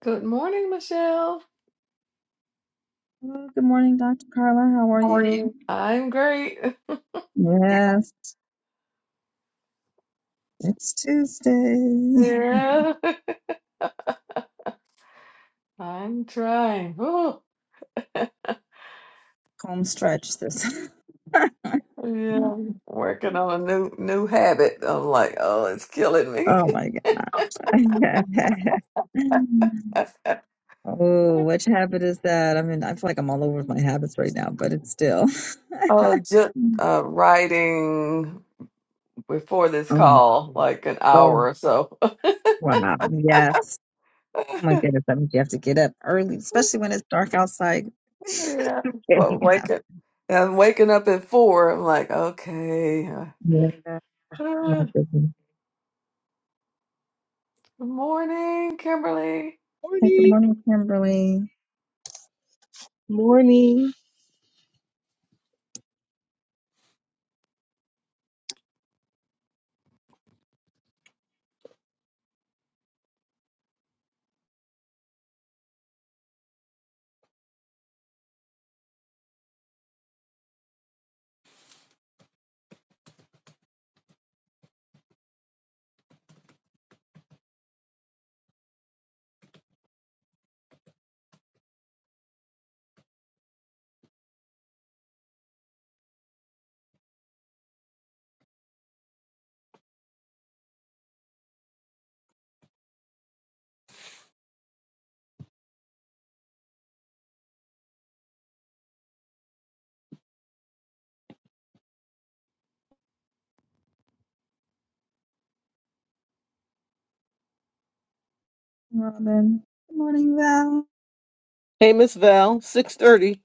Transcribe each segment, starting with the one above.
Good morning, Michelle. Hello, good morning, Dr. Carla. How are How are you? I'm great. Yes, it's Tuesday. Yeah, I'm trying. Oh, Home stretch this. yeah, working on a new new habit. I'm like, oh, it's killing me. oh my God. oh, which habit is that? I mean, I feel like I'm all over with my habits right now, but it's still. uh, just Mm. uh, writing before this Um, call, like an oh, hour or so. wow. Yes. Oh my goodness. That means you have to get up early, especially when it's dark outside. Yeah, but Getting up. waking, I'm waking up at four. I'm like, okay. uh, Yeah. Oh Good my goodness. morning, Kimberly. Hey, good Morning, morning, Kimberly. morning. Robin. Good morning, Val. Hey, Miss Val, six thirty.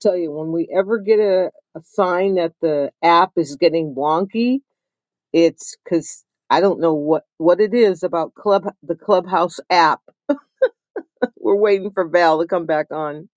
Tell you, when we ever get a, a sign that the app is getting wonky, it's because I don't know what what it is about club the Clubhouse app. We're waiting for Val to come back on.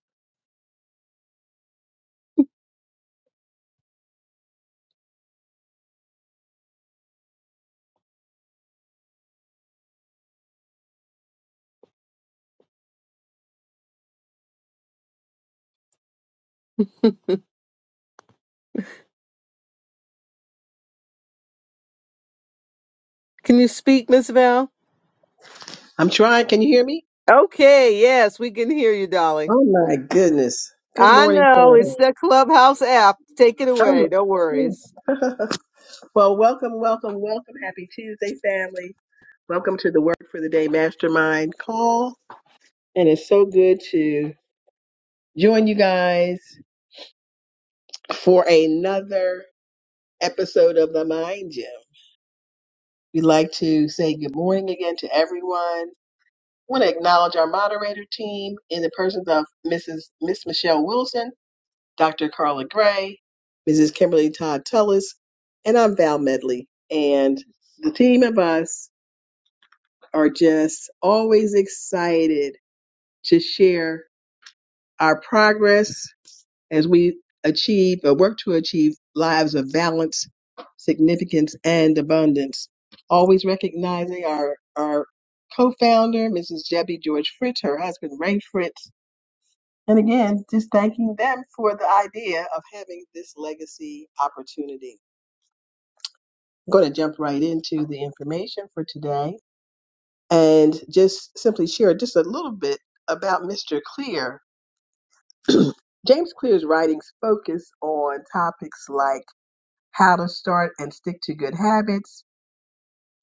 Can you speak, Miss Val? I'm trying. Can you hear me? Okay, yes, we can hear you, darling. Oh my goodness. Good I morning, know it's family. the Clubhouse app. Take it away. Oh No worries. my well, welcome, welcome, welcome. Happy Tuesday, family. Welcome to the Work for the Day Mastermind call. And it's so good to join you guys for another episode of the Mind Gym. We'd like to say good morning again to everyone. I want to acknowledge our moderator team in the persons of Mrs. Miss Michelle Wilson Dr. Carla Gray, Mrs. Kimberly Todd Tullis, and I'm Val Medley. And the team of us are just always excited to share our progress as we achieve or work to achieve lives of balance, significance, and abundance. Always recognizing our, our co-founder, Mrs. Debbie George Fritz, her husband Ray Fritz, And again, just thanking them for the idea of having this legacy opportunity. I'm going to jump right into the information for today and just simply share just a little bit about Mr. Clear. James Clear's writings focus on topics like how to start and stick to good habits,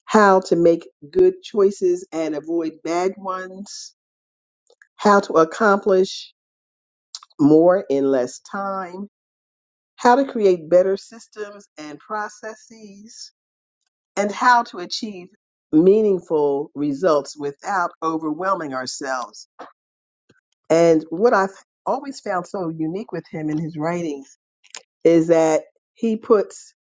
how to make good choices and avoid bad ones, how to accomplish more in less time, how to create better systems and processes, and how to achieve meaningful results without overwhelming ourselves. And what I've always found so unique with him in his writings is that he puts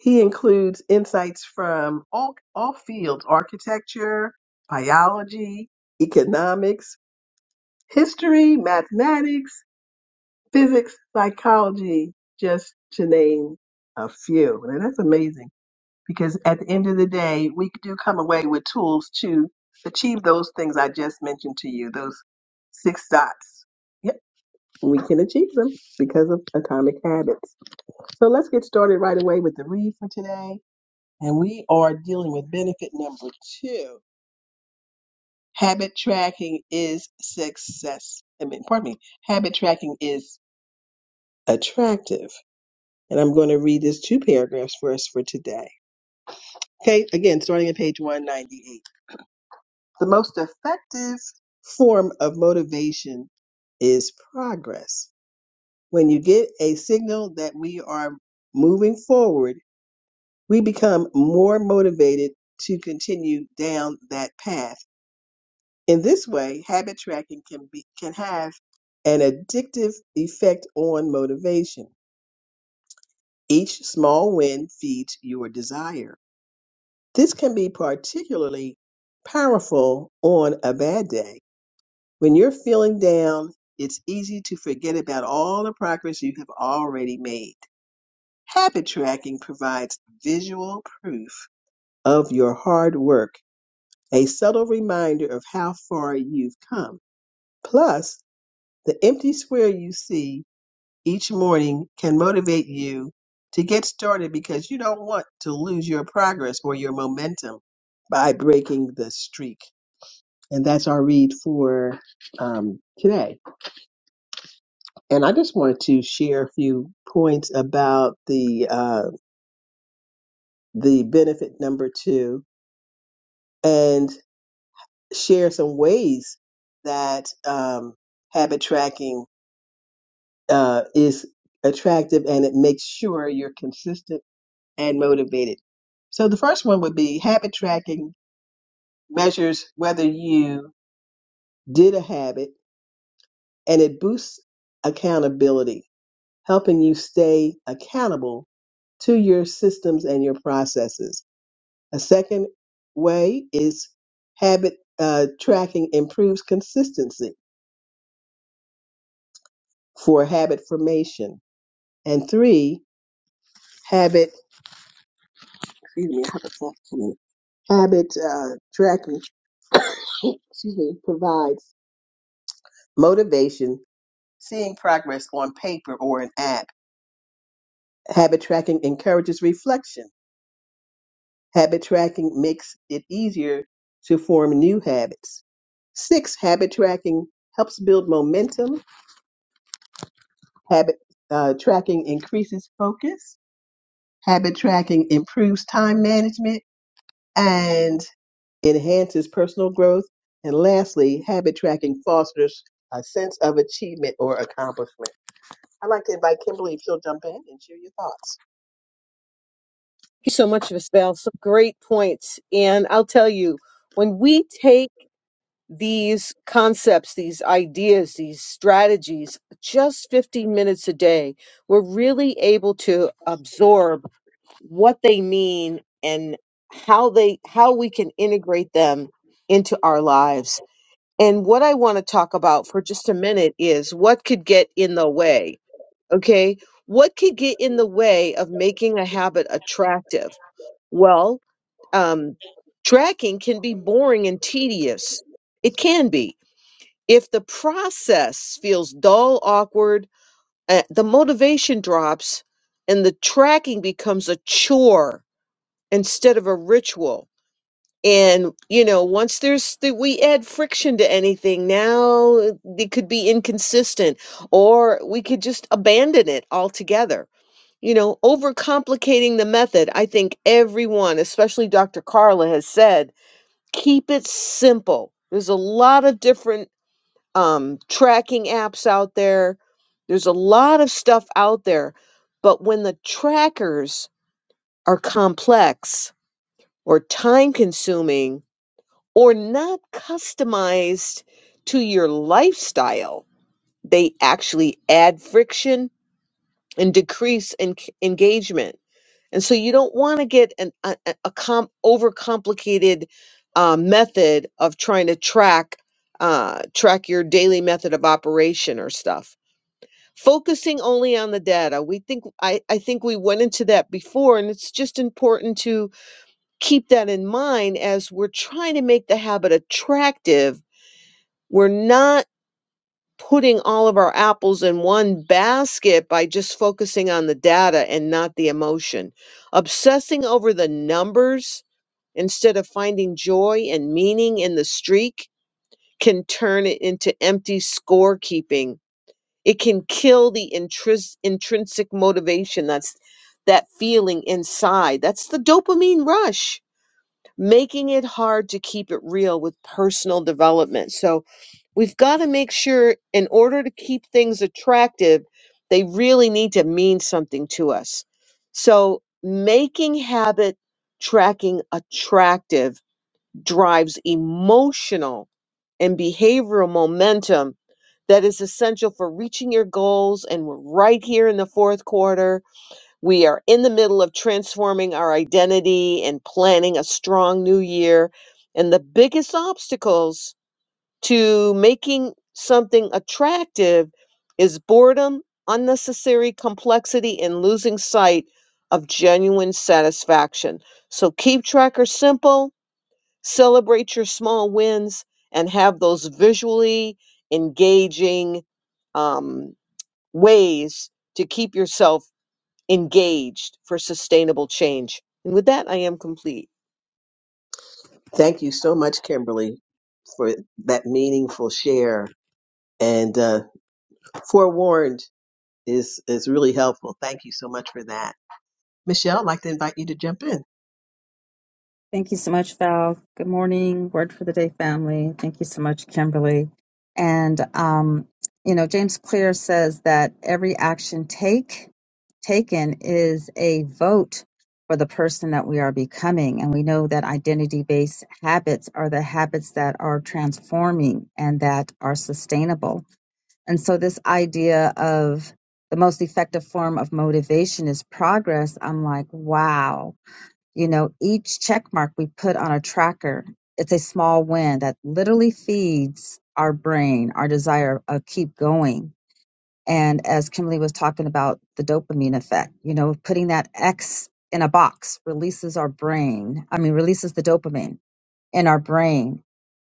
he includes insights from all, all fields architecture, biology, economics, history, mathematics, physics, psychology, just to name a few. And that's amazing. because at the end of the day, we do come away with tools to achieve those things I just mentioned to you, those six dots. Yep, we can achieve them because of atomic habits. So let's get started right away with the read for today. And we are dealing with benefit number two. Habit tracking is success. I mean, pardon me, habit tracking is attractive. And I'm going to read this two paragraphs for us for today. Okay, again, starting at page 198. The most effective form of motivation is progress. When you get a signal that we are moving forward, we become more motivated to continue down that path. In this way, habit tracking can be can have an addictive effect on motivation. Each small win feeds your desire. This can be particularly powerful on a bad day When you're feeling down, it's easy to forget about all the progress you have already made. Habit tracking provides visual proof of your hard work, a subtle reminder of how far you've come. Plus, the empty square you see each morning can motivate you to get started because you don't want to lose your progress or your momentum by breaking the streak. And that's our read for um, today. And I just wanted to share a few points about the uh, the benefit number two, and share some ways that um, habit tracking uh, is attractive, and it makes sure you're consistent and motivated. So the first one would be habit tracking measures whether you did a habit, and it boosts accountability, helping you stay accountable to your systems and your processes. A second way is habit uh, tracking improves consistency for habit formation. And three, habit, excuse me, habit, formation- habit uh, tracking, excuse me, provides motivation, seeing progress on paper or an app. Habit tracking encourages reflection. Habit tracking makes it easier to form new habits. Six, habit tracking helps build momentum Habit uh, tracking increases focus. Habit tracking improves time management and enhances personal growth. And lastly, habit tracking fosters a sense of achievement or accomplishment. I'd like to invite Kimberly if she'll jump in and share your thoughts. Thank you so much, Miss Val. Some great points, and I'll tell you when we take these concepts, these ideas, these strategies, just 15 minutes a day, we're really able to absorb what they mean and how they how we can integrate them into our lives. And what I want to talk about for just a minute is what could get in the way, okay? What could get in the way of making a habit attractive? Well, um, tracking can be boring and tedious. It can be. If the process feels dull, awkward, uh, the motivation drops and the tracking becomes a chore instead of a ritual. And, you know, once there's, th- we add friction to anything, now it could be inconsistent or we could just abandon it altogether. You know, overcomplicating the method. I think everyone, especially Dr. Carla, has said keep it simple. There's a lot of different um, tracking apps out there. There's a lot of stuff out there. But when the trackers are complex or time consuming or not customized to your lifestyle, they actually add friction and decrease en- engagement. And so you don't want to get an, a, a a com- overcomplicated uh, method of trying to track uh, track your daily method of operation or stuff focusing only on the data we think I, I think we went into that before and it's just important to keep that in mind as we're trying to make the habit attractive we're not putting all of our apples in one basket by just focusing on the data and not the emotion obsessing over the numbers instead of finding joy and meaning in the streak can turn it into empty scorekeeping it can kill the intris- intrinsic motivation. That's that feeling inside. That's the dopamine rush, making it hard to keep it real with personal development. So we've got to make sure, in order to keep things attractive, they really need to mean something to us. So making habit tracking attractive drives emotional and behavioral momentum that is essential for reaching your goals. And we're right here in the fourth quarter. We are in the middle of transforming our identity and planning a strong new year. And the biggest obstacles to making something attractive is boredom, unnecessary complexity, and losing sight of genuine satisfaction. So keep tracker simple Celebrate your small wins and have those visually engaging um, ways to keep yourself engaged for sustainable change. And with that, I am complete. Thank you so much, Kimberly, for that meaningful share. And uh, forewarned is is really helpful. Thank you so much for that. Michelle, I'd like to invite you to jump in. Thank you so much, Val. Good morning, Word for the Day family. Thank you so much, Kimberly. And, um, you know, James Clear says that every action take taken is a vote for the person that we are becoming. And we know that identity based habits are the habits that are transforming and that are sustainable. And so, this idea of the most effective form of motivation is progress. I'm like, wow, you know, each check mark we put on a tracker, it's a small win that literally feeds our brain, our desire of keep going. And as Kimberly was talking about the dopamine effect, you know, putting that X in a box releases our brain. I mean, releases the dopamine in our brain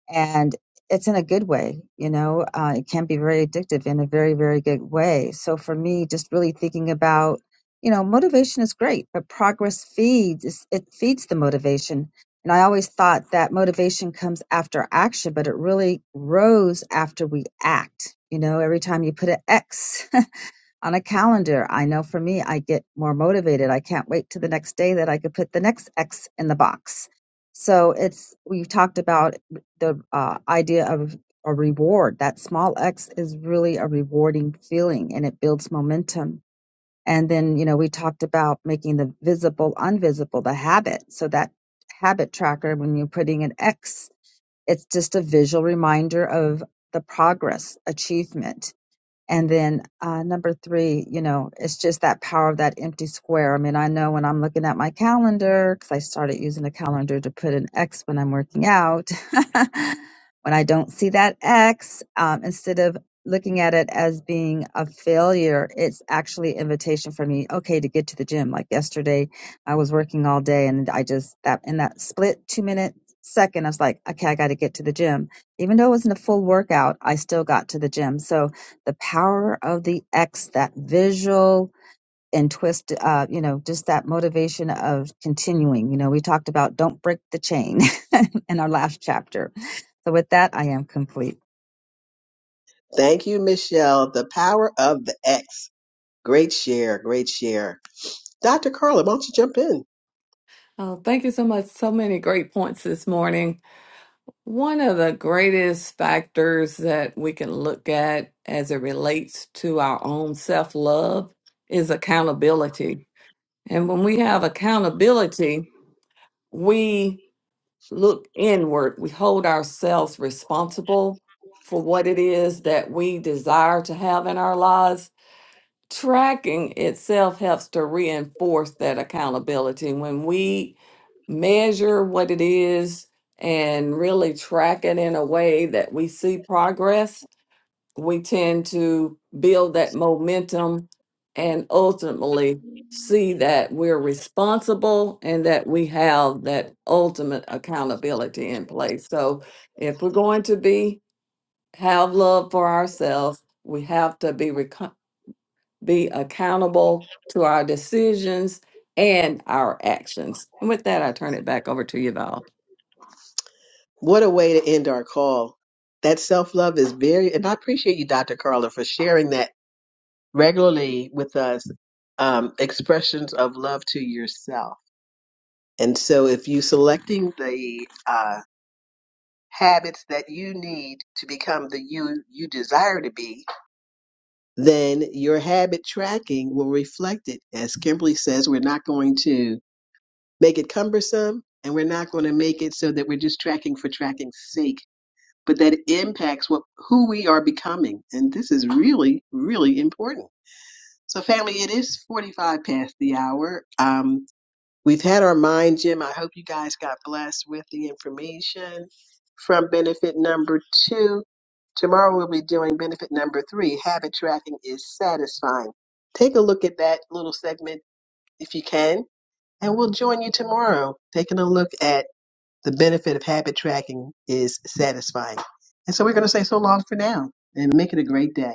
and it's in a good way you know uh, it can be very addictive in a very very good way so for me just really thinking about you know motivation is great but progress feeds it feeds the motivation and i always thought that motivation comes after action but it really grows after we act you know every time you put an x on a calendar. I know for me, I get more motivated. I can't wait to the next day that I could put the next X in the box. So it's, we've talked about the uh, idea of a reward. That small X is really a rewarding feeling and it builds momentum. And then, you know, we talked about making the visible invisible, the habit. So that habit tracker, when you're putting an X, it's just a visual reminder of the progress, achievement and then uh, number three, you know, it's just that power of that empty square. I mean, I know when I'm looking at my calendar, because I started using a calendar to put an X when I'm working out, when I don't see that X, um, instead of looking at it as being a failure, it's actually invitation for me, okay, to get to the gym. Like yesterday, I was working all day and I just, that in that split two minute second, I was like, okay, I got to get to the gym. Even though it wasn't a full workout, I still got to the gym. So, the power of the X, that visual and twist, uh, you know, just that motivation of continuing. You know, we talked about don't break the chain in our last chapter. So with that, I am complete. Thank you, Michelle. The power of the X. Great share, great share. Dr. Carla, why don't you jump in? Oh, thank you so much. So many great points this morning. One of the greatest factors that we can look at as it relates to our own self love is accountability. And when we have accountability, we look inward, we hold ourselves responsible for what it is that we desire to have in our lives tracking itself helps to reinforce that accountability when we measure what it is and really track it in a way that we see progress we tend to build that momentum and ultimately see that we're responsible and that we have that ultimate accountability in place so if we're going to be have love for ourselves we have to be be accountable to our decisions and our actions. And with that, I turn it back over to you, Val. What a way to end our call. That self love is very, and I appreciate you, Dr. Carla, for sharing that regularly with us. Um, expressions of love to yourself. And so, if you selecting the uh, habits that you need to become the you you desire to be, then your habit tracking will reflect it. As Kimberly says, we're not going to make it cumbersome and we're not going to make it so that we're just tracking for tracking's sake but that it impacts what who we are becoming and this is really really important so family it is 45 past the hour um, we've had our mind gym i hope you guys got blessed with the information from benefit number two tomorrow we'll be doing benefit number three habit tracking is satisfying take a look at that little segment if you can and we'll join you tomorrow taking a look at the benefit of habit tracking is satisfying. And so we're going to say so long for now and make it a great day.